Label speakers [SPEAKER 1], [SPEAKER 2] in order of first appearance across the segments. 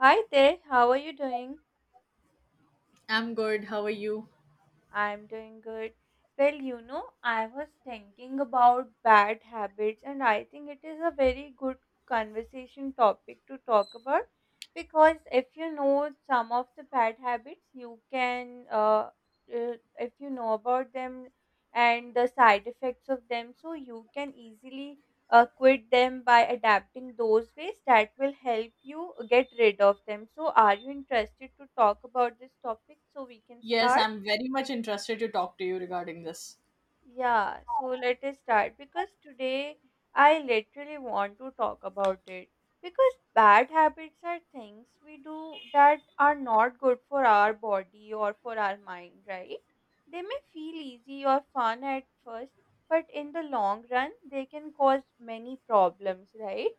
[SPEAKER 1] Hi there, how are you doing?
[SPEAKER 2] I'm good. How are you?
[SPEAKER 1] I'm doing good. I was thinking about bad habits, and I think it is a very good conversation topic to talk about because if you know some of the bad habits, if you know about them and the side effects of them, so you can easily quit them by adapting those ways that will help you get rid of them. So, are you interested to talk about this topic so we can
[SPEAKER 2] Yes,
[SPEAKER 1] start?
[SPEAKER 2] I'm very much interested to talk to you regarding this.
[SPEAKER 1] Yeah, so let us start because today I literally want to talk about it. Because bad habits are things we do that are not good for our body or for our mind, right? They may feel easy or fun at first, but in the long run, they can cause many problems, right?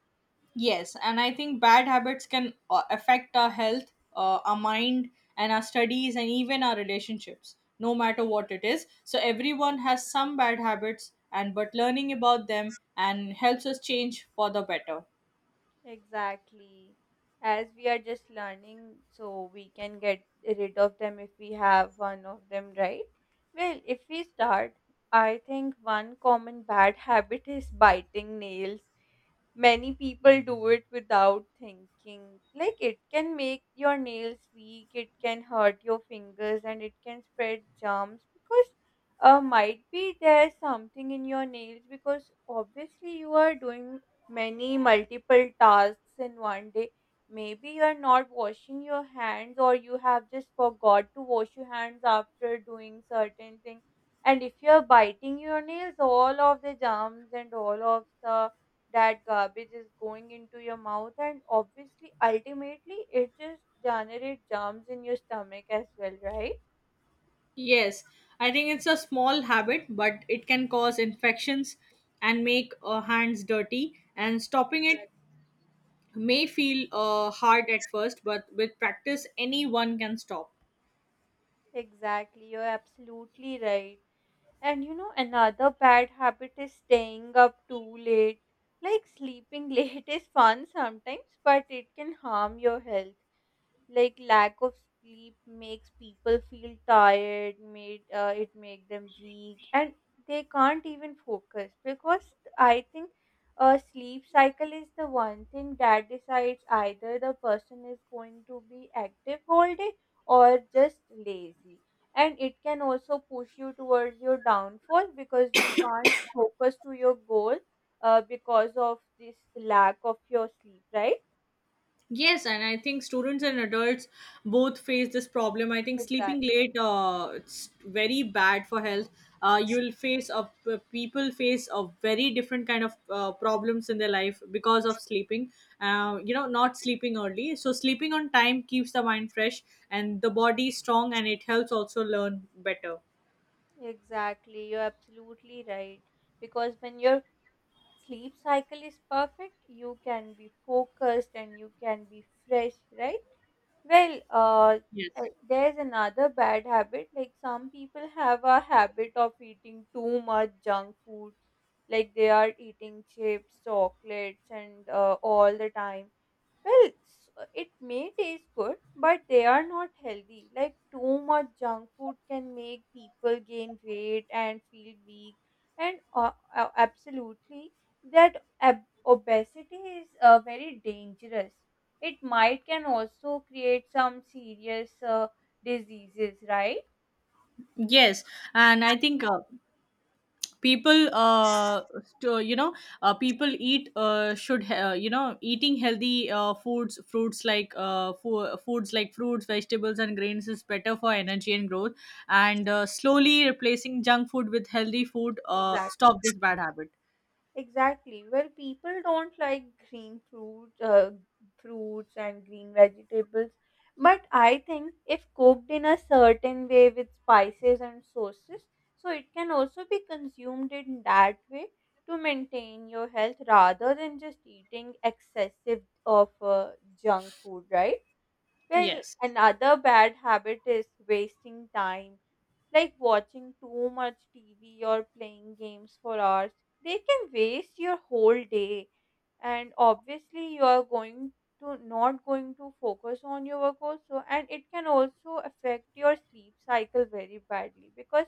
[SPEAKER 2] Yes, and I think bad habits can affect our health, our mind, and our studies, and even our relationships, no matter what it is. So, everyone has some bad habits, and but learning about them and helps us change for the better.
[SPEAKER 1] Exactly. As we are just learning, so we can get rid of them if we have one of them, right? Well, if we start, I think one common bad habit is biting nails. Many people do it without thinking. Like it can make your nails weak, it can hurt your fingers, and it can spread germs because might be there's something in your nails because obviously you are doing many multiple tasks in one day. Maybe you're not washing your hands, or you have just forgot to wash your hands after doing certain thing. And if you're biting your nails, all of the germs and all of the that garbage is going into your mouth and obviously ultimately it just generates germs in your stomach as well, right?
[SPEAKER 2] Yes, I think it's a small habit, but it can cause infections and make hands dirty. And stopping it
[SPEAKER 1] Right.
[SPEAKER 2] may feel hard at first, but with practice, anyone can stop.
[SPEAKER 1] Exactly, you're absolutely right. Another bad habit is staying up too late. Like sleeping late is fun sometimes, but it can harm your health. Like lack of sleep makes people feel tired, made it make them weak and they can't even focus because I think a sleep cycle is the one thing that decides either the person is going to be active all day or just lazy, and it can also push you towards your downfall because you can't focus to your goal, because of this lack of your sleep, right?
[SPEAKER 2] Yes, and I think students and adults both face this problem. I think sleeping
[SPEAKER 1] Exactly.
[SPEAKER 2] late, it's very bad for health. You'll face people face a very different kind of problems in their life because of sleeping. Not sleeping early. So sleeping on time keeps the mind fresh and the body strong, and it helps also learn better.
[SPEAKER 1] Exactly, you're absolutely right. Because when your sleep cycle is perfect, you can be focused and you can be fresh, right? Well, uh,
[SPEAKER 2] Yes.
[SPEAKER 1] there's another bad habit. Like some people have a habit of eating too much junk food. Like they are eating chips, chocolates, and all the time. It may taste good, but they are not healthy. Like too much junk food can make people gain weight and feel weak. And Absolutely, obesity is very dangerous. It might can also create some serious diseases, right?
[SPEAKER 2] Yes, and I think people people eat should ha- you know eating healthy foods like fruits, vegetables and grains is better for energy and growth, and slowly replacing junk food with healthy food stop
[SPEAKER 1] Exactly.
[SPEAKER 2] this bad habit.
[SPEAKER 1] Exactly. Well, people don't like green fruits, fruits and green vegetables, but I think if cooked in a certain way with spices and sauces, so it can also be consumed in that way to maintain your health rather than just eating excessive of junk food, right? Well,
[SPEAKER 2] Yes.
[SPEAKER 1] another bad habit is wasting time, like watching too much TV or playing games for hours, they can waste your whole day. And obviously, you are going to not going to focus on your work also, and it can also affect your sleep cycle very badly because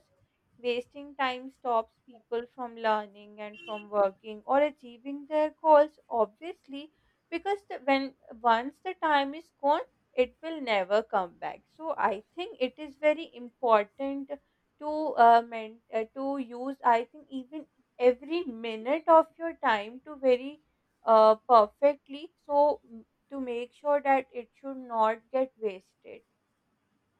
[SPEAKER 1] wasting time stops people from learning and from working or achieving their goals. Obviously, because the, when once the time is gone, it will never come back. So I think it is very important to to use, I think, even every minute of your time to very, perfectly, to make sure that it should not get wasted.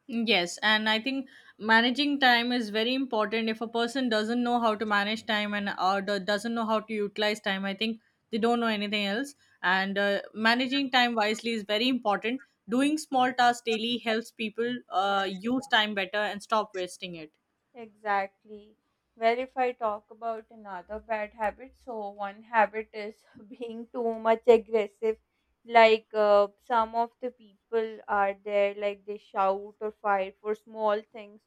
[SPEAKER 2] Yes, and I think managing time is very important. If a person doesn't know how to manage time and doesn't know how to utilize time, I think they don't know anything else. And managing time wisely is very important. Doing small tasks daily helps people use time better and stop wasting it.
[SPEAKER 1] Exactly. Where if I talk about another bad habit, so one habit is being too much aggressive. Like some of the people are there, like they shout or fight for small things.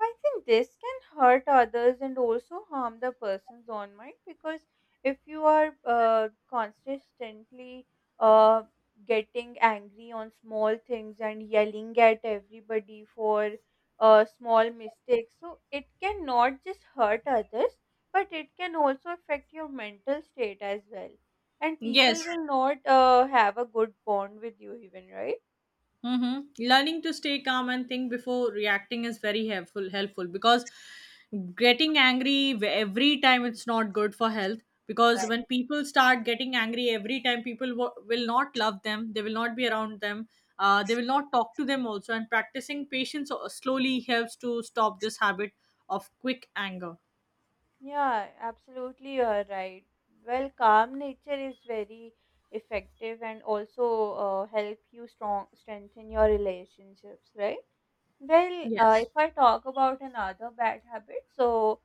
[SPEAKER 1] I think this can hurt others and also harm the person's own mind because if you are consistently uh, getting angry on small things and yelling at everybody for small mistakes. So it can not just hurt others, but it can also affect your mental state as well. And people
[SPEAKER 2] Yes.
[SPEAKER 1] will not have a good bond with you, even, right?
[SPEAKER 2] Mm-hmm. Learning to stay calm and think before reacting is very helpful. Helpful because getting angry every time it's not good for health. Because
[SPEAKER 1] Exactly.
[SPEAKER 2] when people start getting angry every time, people will not love them. They will not be around them. They will not talk to them also. And practicing patience slowly helps to stop this habit of quick anger.
[SPEAKER 1] Yeah, absolutely, you are right. Well, calm nature is very effective and also help you strong strengthen your relationships, right?
[SPEAKER 2] Yes.
[SPEAKER 1] If I talk about another bad habit, so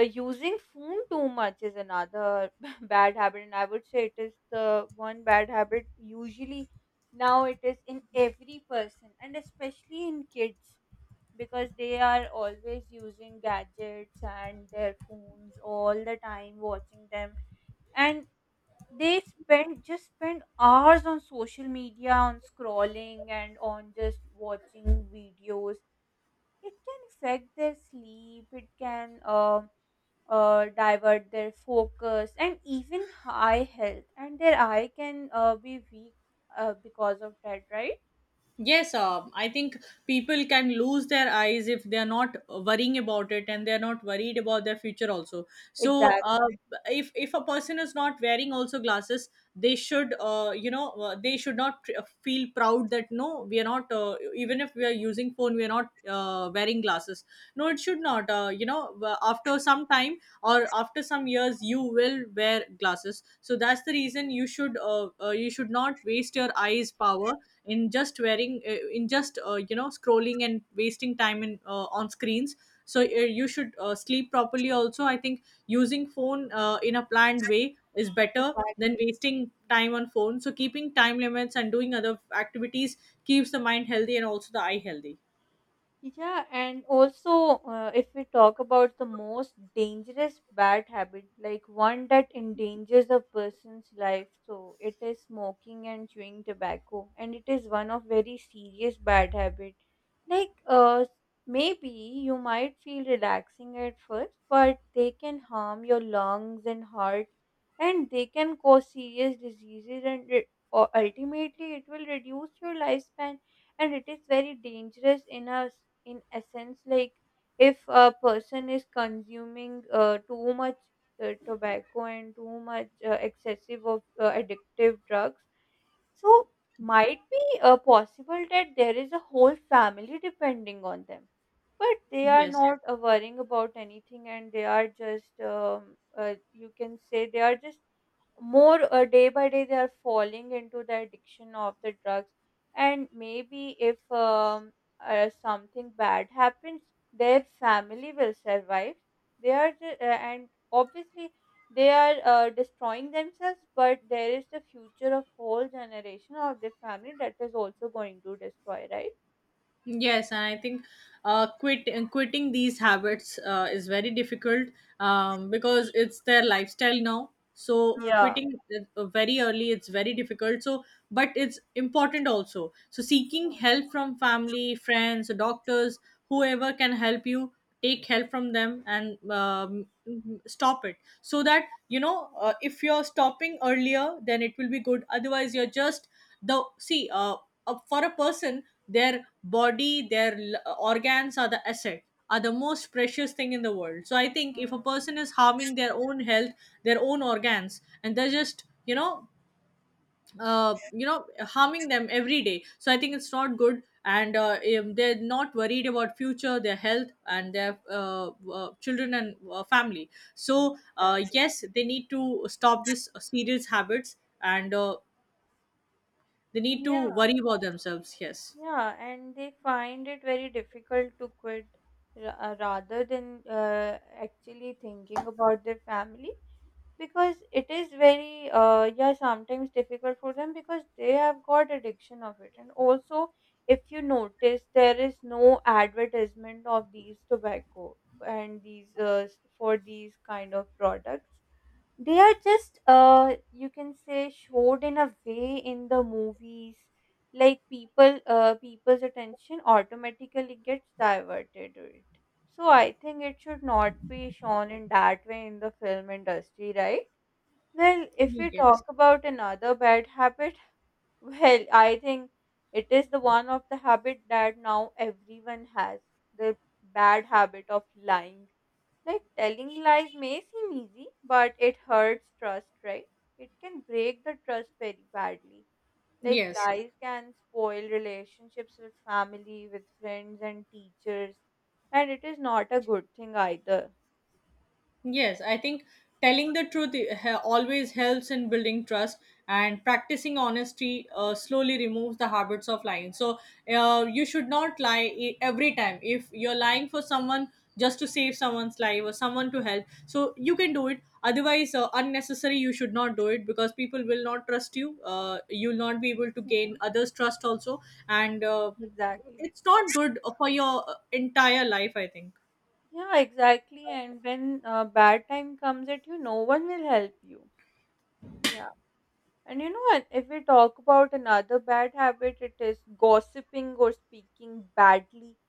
[SPEAKER 1] Using phone too much is another bad habit, and I would say it is the one bad habit usually now it is in every person, and especially in kids because they are always using gadgets and their phones all the time, watching them, and they spend hours on social media, on scrolling, and on just watching videos. It can affect their sleep, it can divert their focus and even eye health, and their eye can be weak because of that, right?
[SPEAKER 2] Yes, I think people can lose their eyes if they are not worrying about it and they are not worried about their future also. So,
[SPEAKER 1] Exactly.
[SPEAKER 2] if a person is not wearing also glasses, they should, they should not feel proud that no, we are not. Even if we are using phone, we are not wearing glasses. No, it should not. After some time or after some years, you will wear glasses, so that's the reason you should not waste your eyes power in just wearing in just scrolling and wasting time in on screens. So you should sleep properly also. I think using phone in a planned way is better than
[SPEAKER 1] Exactly.
[SPEAKER 2] wasting time on phone, so keeping time limits and doing other activities keeps the mind healthy and also the eye healthy.
[SPEAKER 1] Yeah, and also, if we talk about the most dangerous bad habit, like one that endangers a person's life, so it is smoking and chewing tobacco, and it is one of very serious bad habit. Like, maybe you might feel relaxing at first, but they can harm your lungs and heart, and they can cause serious diseases, and it, or ultimately, it will reduce your lifespan, and it is very dangerous in essence. Like if a person is consuming too much tobacco and too much excessive of addictive drugs, so might be possible that there is a whole family depending on them, but they are
[SPEAKER 2] Yes.
[SPEAKER 1] not worrying about anything and they are just you can say they are just more, day by day they are falling into the addiction of the drugs. And maybe if something bad happens, their family will survive. And obviously they are destroying themselves, but there is the future of whole generation of the family that is also going to destroy, right?
[SPEAKER 2] Yes, and I think quitting these habits is very difficult, because it's their lifestyle now. So
[SPEAKER 1] Yeah.
[SPEAKER 2] quitting very early, it's very difficult. So, but it's important also. So seeking help from family, friends, doctors, whoever can help you, take help from them and stop it. So that you know, if you're stopping earlier, then it will be good. Otherwise, you're just the see for a person, their body, their organs are the asset, are the most precious thing in the world. So I think if a
[SPEAKER 1] Hmm.
[SPEAKER 2] person is harming their own health, their own organs, and they're just harming them every day, so I think it's not good. And they're not worried about future, their health, and their children, and family. So
[SPEAKER 1] Exactly.
[SPEAKER 2] yes, they need to stop this serious habits, and they need to
[SPEAKER 1] Yeah.
[SPEAKER 2] worry about themselves. Yes.
[SPEAKER 1] Yeah, and they find it very difficult to quit rather than actually thinking about their family, because it is very, yeah, sometimes difficult for them because they have got addiction of it. And also, if you notice, there is no advertisement of these tobacco and these for these kind of products. They are just, you can say, showed in a way in the movies. Like people, people's attention automatically gets diverted to it. So I think it should not be shown in that way in the film industry, right? Well, if we
[SPEAKER 2] Yes.
[SPEAKER 1] talk about another bad habit, well, I think it is the one of the habit that now everyone has, the bad habit of lying. Like telling lies may seem easy, but it hurts trust, right? It can break the trust very badly. Like
[SPEAKER 2] Yes.
[SPEAKER 1] lies can spoil relationships with family, with friends, and teachers. And it is not a good thing either.
[SPEAKER 2] Yes, I think telling the truth always helps in building trust, and practicing honesty slowly removes the habits of lying. So, you should not lie every time. If you're lying for someone just to save someone's life or someone to help, so you can do it. Otherwise, unnecessary, you should not do it because people will not trust you. You'll not be able to gain
[SPEAKER 1] Yeah.
[SPEAKER 2] others' trust also, and
[SPEAKER 1] Exactly.
[SPEAKER 2] it's not good for your entire life, I think.
[SPEAKER 1] Yeah, exactly. And when bad time comes at you, no one will help you. Yeah. And you know, what, if we talk about another bad habit, it is gossiping or speaking badly.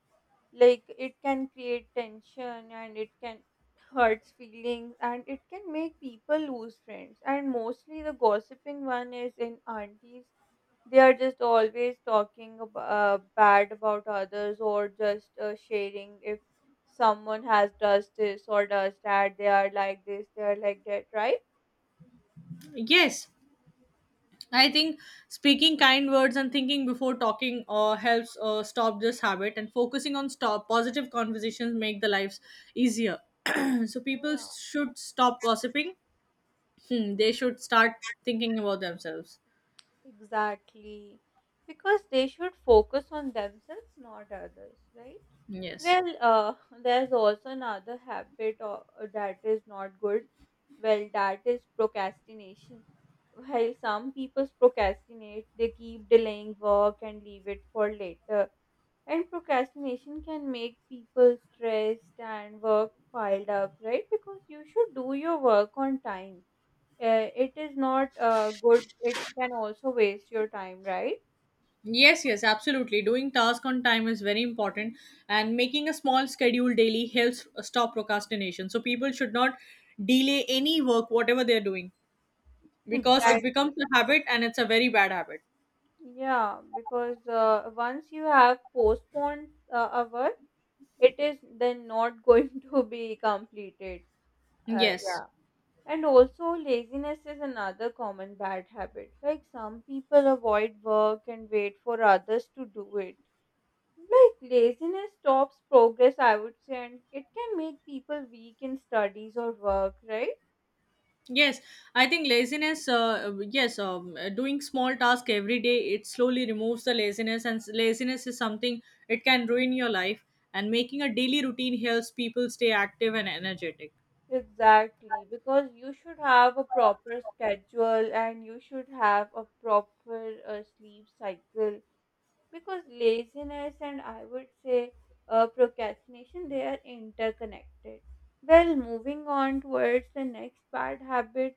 [SPEAKER 1] Like it can create tension and it can hurts feelings, and it can make people lose friends. And mostly the gossiping one is in aunties. They are just always talking bad about others or just sharing if someone has does this or does that, they are like this, they are like that, right?
[SPEAKER 2] Yes, I think speaking kind words and thinking before talking helps stop this habit, and focusing on stop positive conversations make the lives easier. So people should stop gossiping. Hmm, they should start thinking about themselves.
[SPEAKER 1] Exactly. Because they should focus on themselves, not others, right?
[SPEAKER 2] Yes.
[SPEAKER 1] Well, uh, there's also another habit, or that is not good. Well, that is procrastination. While some people procrastinate, they keep delaying work and leave it for later. And procrastination can make people stressed and work piled up, right? Because you should do your work on time. It is not good, it can also waste your time, right?
[SPEAKER 2] Yes, yes, absolutely. Doing task on time is very important, and making a small schedule daily helps stop procrastination. So people should not delay any work, whatever they are doing, because it
[SPEAKER 1] Exactly.
[SPEAKER 2] becomes a habit, and it's a very bad habit.
[SPEAKER 1] Yeah, because once you have postponed a work, it is then not going to be completed.
[SPEAKER 2] Yes.
[SPEAKER 1] Yeah. And also laziness is another common bad habit. Like some people avoid work and wait for others to do it. Like laziness stops progress, I would say, and it can make people weak in studies or work, right?
[SPEAKER 2] Yes, I think laziness. Yes, doing small task every day, it slowly removes the laziness, and laziness is something, it can ruin your life. And making a daily routine helps people stay active and energetic.
[SPEAKER 1] Exactly, because you should have a proper schedule and you should have a proper sleep cycle, because laziness and, I would say, procrastination, they are interconnected. Well, moving on towards the next bad habit,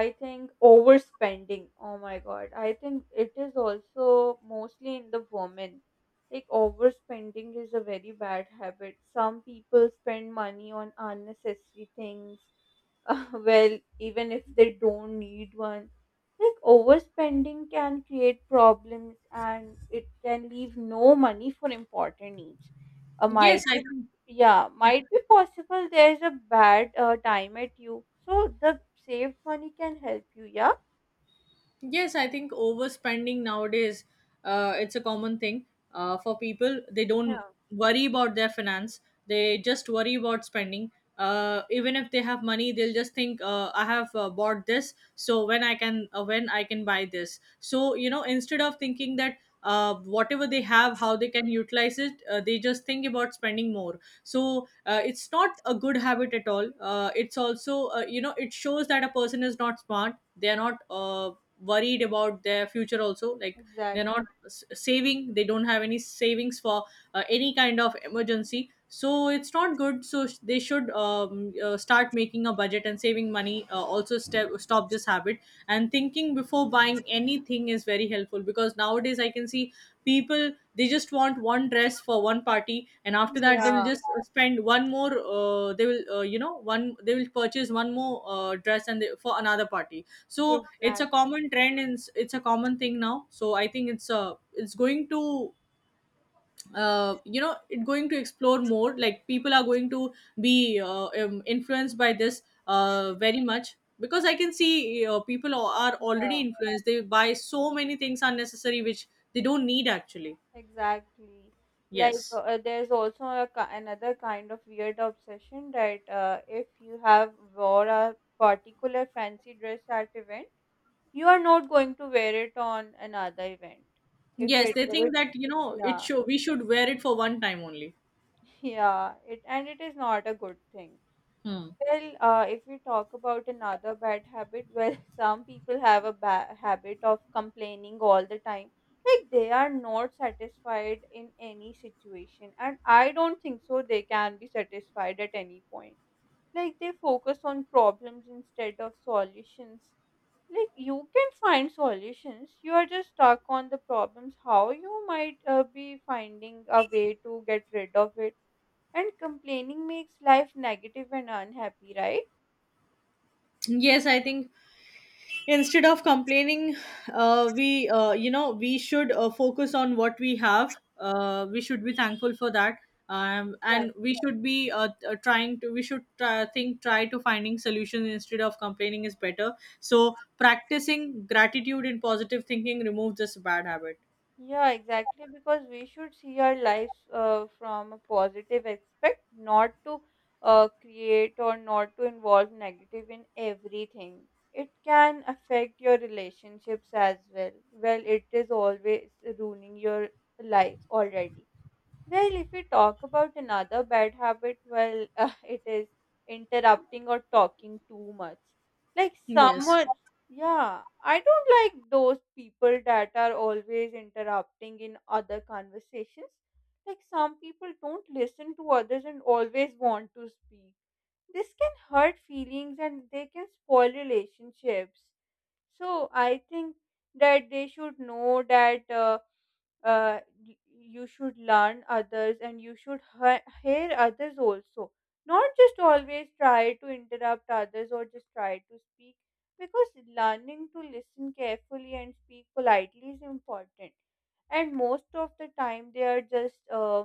[SPEAKER 1] I think overspending. Oh my god, I think it is also mostly in the women. Like overspending is a very bad habit. Some people spend money on unnecessary things, well, even if they don't need one. Like overspending can create problems and it can leave no money for important needs. Uh, might
[SPEAKER 2] Yes, I
[SPEAKER 1] be,
[SPEAKER 2] think.
[SPEAKER 1] yeah, might be possible there's a bad time at you. So the saved money can help you, yeah?
[SPEAKER 2] Yes, I think overspending nowadays, it's a common thing for people. They don't
[SPEAKER 1] Yeah,
[SPEAKER 2] worry about their finance. They just worry about spending. Even if they have money, they'll just think, "I have bought this, so when I can buy this." So you know, instead of thinking that whatever they have, how they can utilize it, they just think about spending more. So it's not a good habit at all. It's also, it shows that a person is not smart, they are not worried about their future also. Like they're
[SPEAKER 1] exactly.
[SPEAKER 2] not s- saving, they don't have any savings for any kind of emergency, so it's not good. So they should start making a budget and saving money, also stop this habit. And thinking before buying anything is very helpful because nowadays I can see people, they just want one dress for one party, and after that they will
[SPEAKER 1] Yeah,
[SPEAKER 2] just spend one more. They will, one, they will purchase one more dress, and they, for another party. So it's
[SPEAKER 1] exactly.
[SPEAKER 2] a common trend, and it's a common thing now. So I think it's a, it's going to, it going to explore more. Like people are going to be influenced by this very much, because I can see people are already influenced, they buy so many things unnecessary, which they don't need actually.
[SPEAKER 1] Exactly. Like
[SPEAKER 2] Yes.
[SPEAKER 1] there's also a, another kind of weird obsession that if you have wore a particular fancy dress at event, you are not going to wear it on another event. If
[SPEAKER 2] Yes,
[SPEAKER 1] it,
[SPEAKER 2] they think
[SPEAKER 1] it
[SPEAKER 2] that you know it
[SPEAKER 1] Yeah,
[SPEAKER 2] show, we should wear it for one time only.
[SPEAKER 1] yeah, it and it is not a good thing.
[SPEAKER 2] Hmm.
[SPEAKER 1] Well, if we talk about another bad habit, well, some people have a bad habit of complaining all the time. Like they are not satisfied in any situation, and I don't think so they can be satisfied at any point. Like they focus on problems instead of solutions. Like you can find solutions, you are just stuck on the problems. How you might be finding a way to get rid of it, and complaining makes life negative and unhappy, right?
[SPEAKER 2] Yes, I think instead of complaining, we, we should focus on what we have. We should be thankful for that, and we should be trying to, we should try to finding solutions instead of complaining is better. So practicing gratitude and positive thinking removes this bad habit.
[SPEAKER 1] Yeah, exactly. Because we should see our lives from a positive aspect, not to create or not to involve negative in everything. It can affect your relationships as well. Well, it is always ruining your life already. Well, if we talk about another bad habit, well, it is interrupting or talking too much. Like
[SPEAKER 2] Yes.
[SPEAKER 1] someone, yeah, I don't like those people that are always interrupting in other conversations. Like some people don't listen to others and always want to speak. This can hurt feelings and they can spoil relationships. So I think that they should know that. Uh, you should learn others and you should hear others also, not just always try to interrupt others or just try to speak, because learning to listen carefully and speak politely is important. And most of the time they are just uh,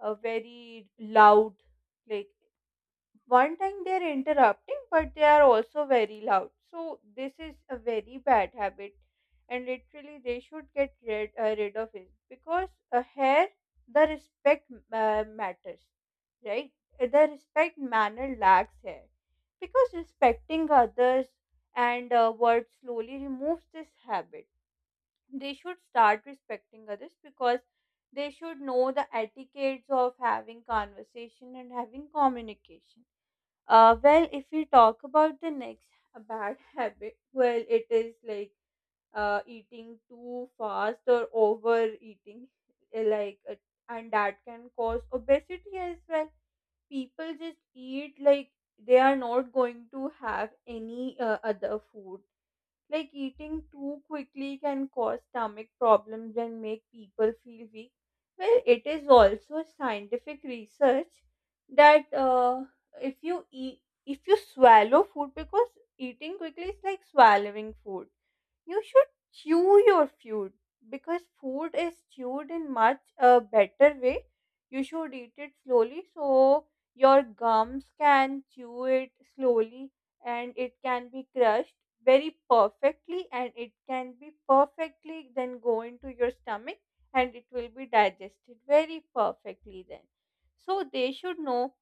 [SPEAKER 1] uh, very loud. Like one time they are interrupting, but they are also very loud, so this is a very bad habit and literally they should get rid, rid of it because here the respect matters, right? The respect manner lacks here because respecting others and words slowly removes this habit. They should start respecting others because they should know the etiquettes of having conversation and having communication. Well, if we talk about the next bad habit, well, it is like eating too fast or overeating, uh, like, uh, and that can cause obesity as well. People just eat like they are not going to have any other food. Like eating too quickly can cause stomach problems and make people feel weak. Well, it is also scientific research that if you eat, if you swallow food, because eating quickly is like swallowing food, you should chew your food because food is chewed in much a better way. You should eat it slowly so your gums can chew it slowly and it can be crushed very perfectly and it can be perfectly then go into your stomach and it will be digested very perfectly then. So they should know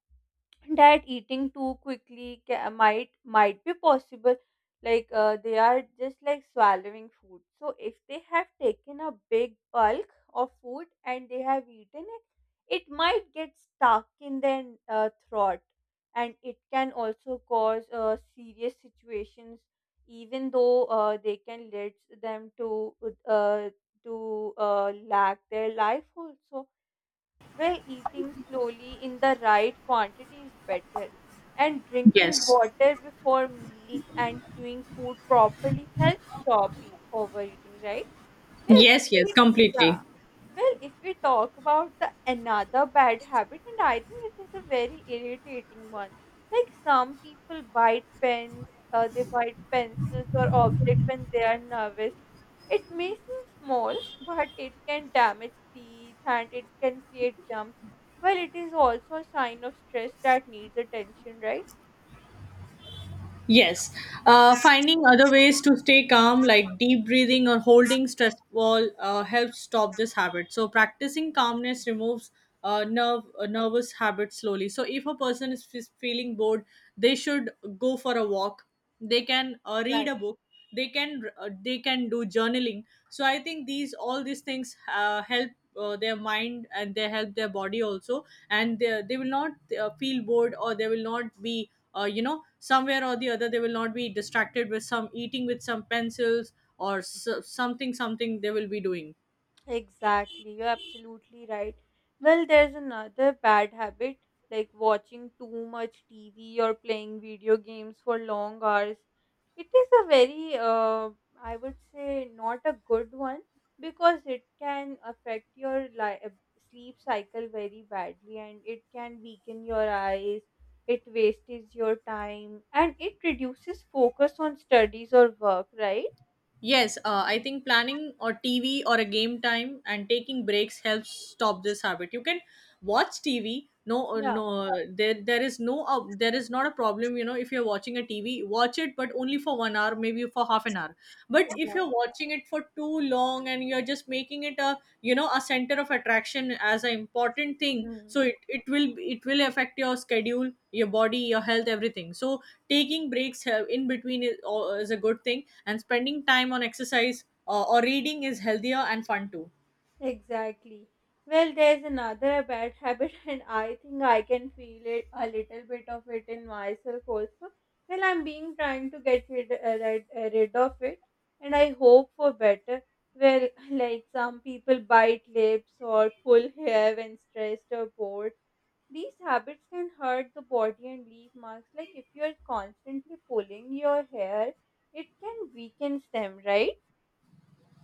[SPEAKER 1] that eating too quickly might be possible, like they are just like swallowing food, so if they have taken a big bulk of food and they have eaten it, it might get stuck in their throat and it can also cause serious situations, even though they can lead them to uh, lack their life also, where eating slowly in the right quantity is better, and drinking
[SPEAKER 2] Yes.
[SPEAKER 1] water before meals and chewing food properly helps stop overeating, right? Well, if
[SPEAKER 2] Yes, yes,
[SPEAKER 1] we- Yeah.
[SPEAKER 2] completely.
[SPEAKER 1] Well, if we talk about the another bad habit, and I think it is a very irritating one. Like some people bite pens, they bite pencils or object when they are nervous. It may seem small, but it can damage teeth and it can create jumps. Well, it is also a sign of stress that needs attention, right?
[SPEAKER 2] Yes, finding other ways to stay calm, like deep breathing or holding stress ball, helps stop this habit. So practicing calmness removes nerve nervous habit slowly. So if a person is feeling bored, they should go for a walk. They can read a
[SPEAKER 1] Exactly.
[SPEAKER 2] book. They can do journaling. So I think these all these things help their mind and they help their body also, and they will not feel bored, or they will not be, somewhere or the other, they will not be distracted with some eating, with some pencils or s something, something they will be doing.
[SPEAKER 1] Exactly, you're absolutely right. Well, there's another bad habit like watching too much TV or playing video games for long hours. It is a very, I would say, not a good one because it can affect your sleep cycle very badly and it can weaken your eyes, it wastes your time, and it reduces focus on studies or work, right?
[SPEAKER 2] Yes, I think planning or TV or a game time and taking breaks helps stop this habit. You can watch TV. No,
[SPEAKER 1] Yeah,
[SPEAKER 2] there is there is not a problem. You know, if you're watching a TV, watch it, but only for 1 hour, maybe for half an hour. But if
[SPEAKER 1] exactly.
[SPEAKER 2] you're watching it for too long, and you're just making it a, you know, a center of attraction as an important thing, so it will, it will affect your schedule, your body, your health, everything. So taking breaks in between is a good thing, and spending time on exercise or reading is healthier and fun too.
[SPEAKER 1] Exactly. Well, there's another bad habit, and I think I can feel it a little bit of it in myself also. Well, I'm being trying to get rid, rid of it, and I hope for better. Well, like some people bite lips or pull hair when stressed or bored. These habits can hurt the body and leave marks. Like if you're constantly pulling your hair, it can weaken them, right?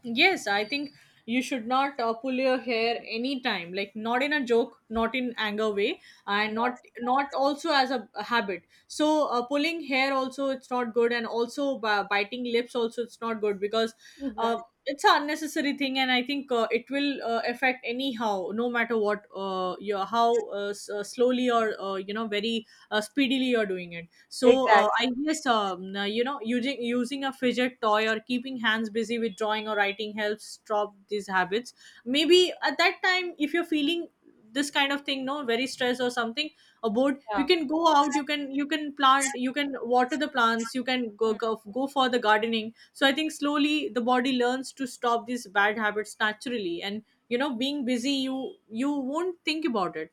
[SPEAKER 2] Yes, I think you should not pull your hair anytime, like not in a joke, not in anger way, and not
[SPEAKER 1] Yeah.
[SPEAKER 2] not also as a habit. So pulling hair also it's not good, and also biting lips also it's not good because uh,
[SPEAKER 1] Exactly.
[SPEAKER 2] it's an unnecessary thing, and I think it will affect anyhow, no matter what your how slowly or you know very speedily you're doing it. So
[SPEAKER 1] Exactly.
[SPEAKER 2] I yes, you know, using a fidget toy or keeping hands busy with drawing or writing helps stop these habits. Maybe at that time, if you're feeling this kind of thing, no, very stressed or something, or bored, you
[SPEAKER 1] Yeah.
[SPEAKER 2] can go out. You can plant. You can water the plants. You can go for the gardening. So I think slowly the body learns to stop these bad habits naturally, and you know, being busy, you won't think about it.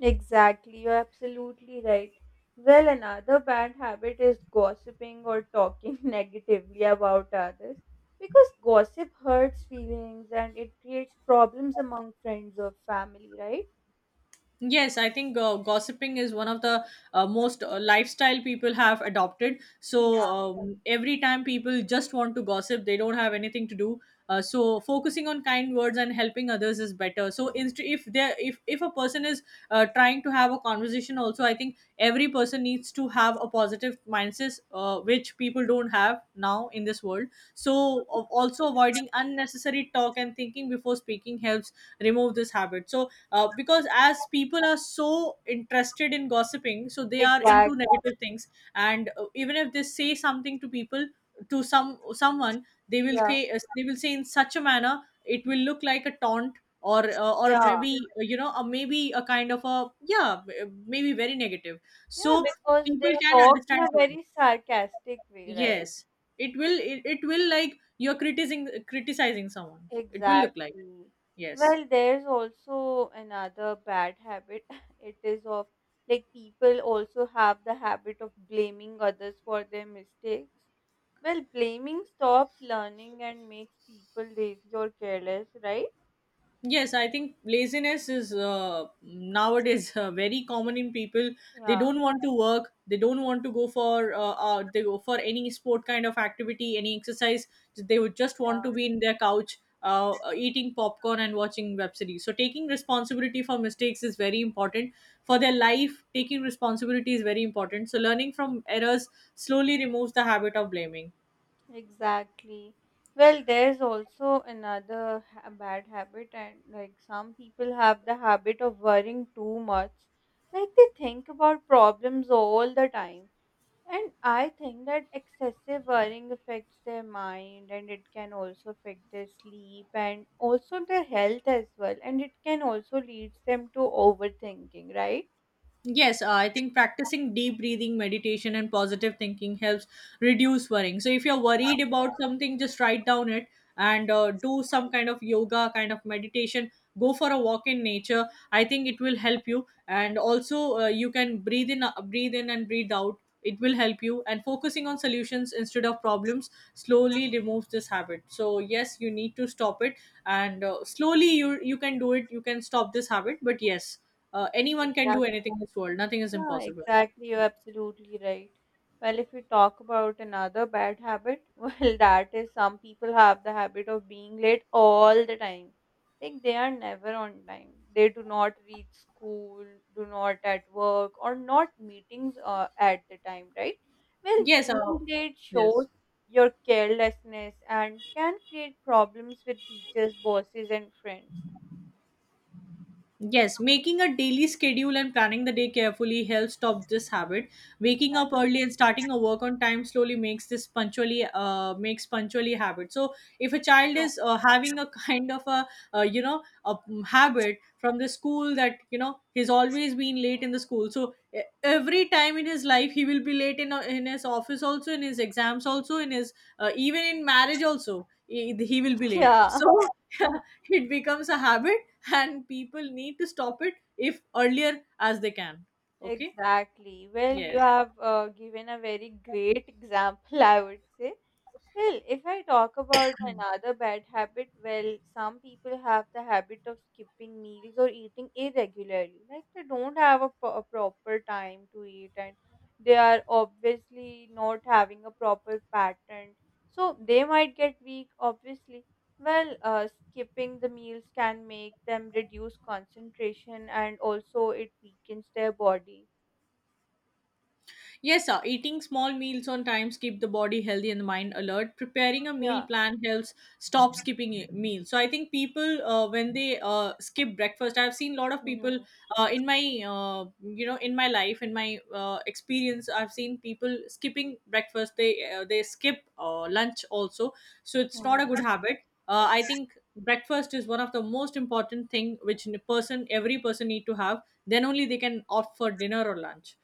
[SPEAKER 1] Exactly, you're absolutely right. Well, another bad habit is gossiping or talking negatively about others because gossip hurts feelings and it creates problems among friends or family, right?
[SPEAKER 2] Yes, I think gossiping is one of the most lifestyle people have adopted. So
[SPEAKER 1] Yeah,
[SPEAKER 2] every time people just want to gossip, they don't have anything to do. So focusing on kind words and helping others is better. So if a person is trying to have a conversation, also I think every person needs to have a positive mindset, which people don't have now in this world. So also avoiding unnecessary talk and thinking before speaking helps remove this habit. So because as people are so interested in gossiping so they are into
[SPEAKER 1] exactly.
[SPEAKER 2] negative things and even if they say something to people to someone they will
[SPEAKER 1] Yeah,
[SPEAKER 2] say in such a manner it will look like a taunt or
[SPEAKER 1] yeah,
[SPEAKER 2] maybe you know a maybe a kind of a, yeah, maybe very negative. So
[SPEAKER 1] yeah, because they
[SPEAKER 2] people can
[SPEAKER 1] talk in
[SPEAKER 2] understand
[SPEAKER 1] a
[SPEAKER 2] tone.
[SPEAKER 1] very sarcastic way, right?
[SPEAKER 2] Yes, it will it will, like, you're criticizing someone, it will look like,
[SPEAKER 1] Exactly.
[SPEAKER 2] yes.
[SPEAKER 1] Well, there's also another bad habit. It is of like people also have the habit of blaming others for their mistakes. Well, blaming stops learning and makes people lazy or careless, right?
[SPEAKER 2] Yes, I think laziness is nowadays very common in people. They
[SPEAKER 1] Yeah,
[SPEAKER 2] don't want to work. They don't want to go for they go for any sport kind of activity, any exercise. They would just want
[SPEAKER 1] yeah,
[SPEAKER 2] to be in their couch, eating popcorn and watching web series. So taking responsibility for mistakes is very important for their life. Taking responsibility is very important. So learning from errors slowly removes the habit of blaming.
[SPEAKER 1] exactly. Well, there's also another bad habit, and like some people have the habit of worrying too much. Like they think about problems all the time. And I think that excessive worrying affects their mind and it can also affect their sleep and also their health as well. And it can also lead them to overthinking, right?
[SPEAKER 2] Yes, I think practicing deep breathing, meditation, and positive thinking helps reduce worrying. So, if you're worried about something, just write down it and do some kind of yoga, kind of meditation. Go for a walk in nature. I think it will help you, and also you can breathe in, and breathe out. It will help you. And focusing on solutions instead of problems slowly removes this habit. So yes, you need to stop it, and slowly you can do it. You can stop this habit, but yes. Anyone can do anything in this world. Nothing is
[SPEAKER 1] Yeah,
[SPEAKER 2] impossible.
[SPEAKER 1] exactly. You're absolutely right. Well, if we talk about another bad habit, well, that is some people have the habit of being late all the time. Like they are never on time. They do not reach school, do not at work, or not meetings at the time, right? Well,
[SPEAKER 2] Yes.
[SPEAKER 1] being late
[SPEAKER 2] Yes.
[SPEAKER 1] shows your carelessness and can create problems with teachers, bosses, and friends.
[SPEAKER 2] Yes, making a daily schedule and planning the day carefully helps stop this habit. Waking up
[SPEAKER 1] Exactly.
[SPEAKER 2] early and starting a work on time slowly makes this punctually makes punctually habit. So if a child is having a kind of a you know a habit from the school that you know he's always been late in the school. So every time in his life he will be late in his office, also in his exams, also in his even in marriage also, he will be late.
[SPEAKER 1] Yeah.
[SPEAKER 2] So it becomes a habit and people need to stop it if earlier as they can. Okay.
[SPEAKER 1] Exactly. Well, you
[SPEAKER 2] Yes.
[SPEAKER 1] have given a very great example, I would say. Well, if I talk about another bad habit, well, some people have the habit of skipping meals or eating irregularly. Like they don't have a, a proper time to eat and they are obviously not having a proper pattern. So they might get weak, obviously. Well, skipping the meals can make them reduce concentration and also it weakens their body.
[SPEAKER 2] Yes, sir. Eating small meals on times keep the body healthy and the mind alert. Preparing a meal
[SPEAKER 1] Yeah.
[SPEAKER 2] plan helps stop skipping a meal. So I think people when they skip breakfast, I've seen a lot of
[SPEAKER 1] Hmm.
[SPEAKER 2] people in my you know, in my life, in my experience, I've seen people skipping breakfast. They skip lunch also. So it's not a
[SPEAKER 1] Mm,
[SPEAKER 2] good habit. I think breakfast is one of the most important thing which n- person every person need to have. Then only they can opt for dinner or lunch.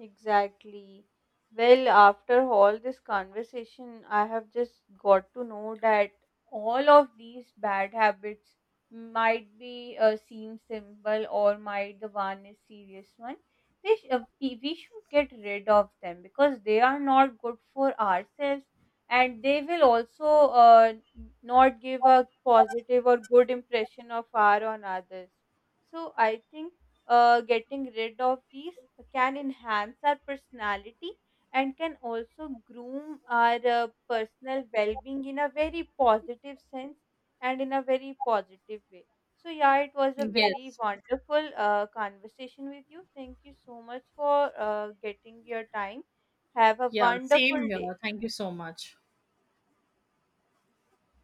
[SPEAKER 1] exactly. Well, after all this conversation, I have just got to know that all of these bad habits might be seem simple or might the one is serious one. They sh- we should get rid of them because they are not good for ourselves and they will also uh, not give a positive or good impression of our on others. So I think getting rid of these can enhance our personality and can also groom our personal well-being in a very positive sense and in a very positive way. So yeah, it was a very
[SPEAKER 2] Yes.
[SPEAKER 1] wonderful conversation with you. Thank you so much for getting your time. Have a
[SPEAKER 2] Yeah, same
[SPEAKER 1] wonderful day.
[SPEAKER 2] here. Thank you so much.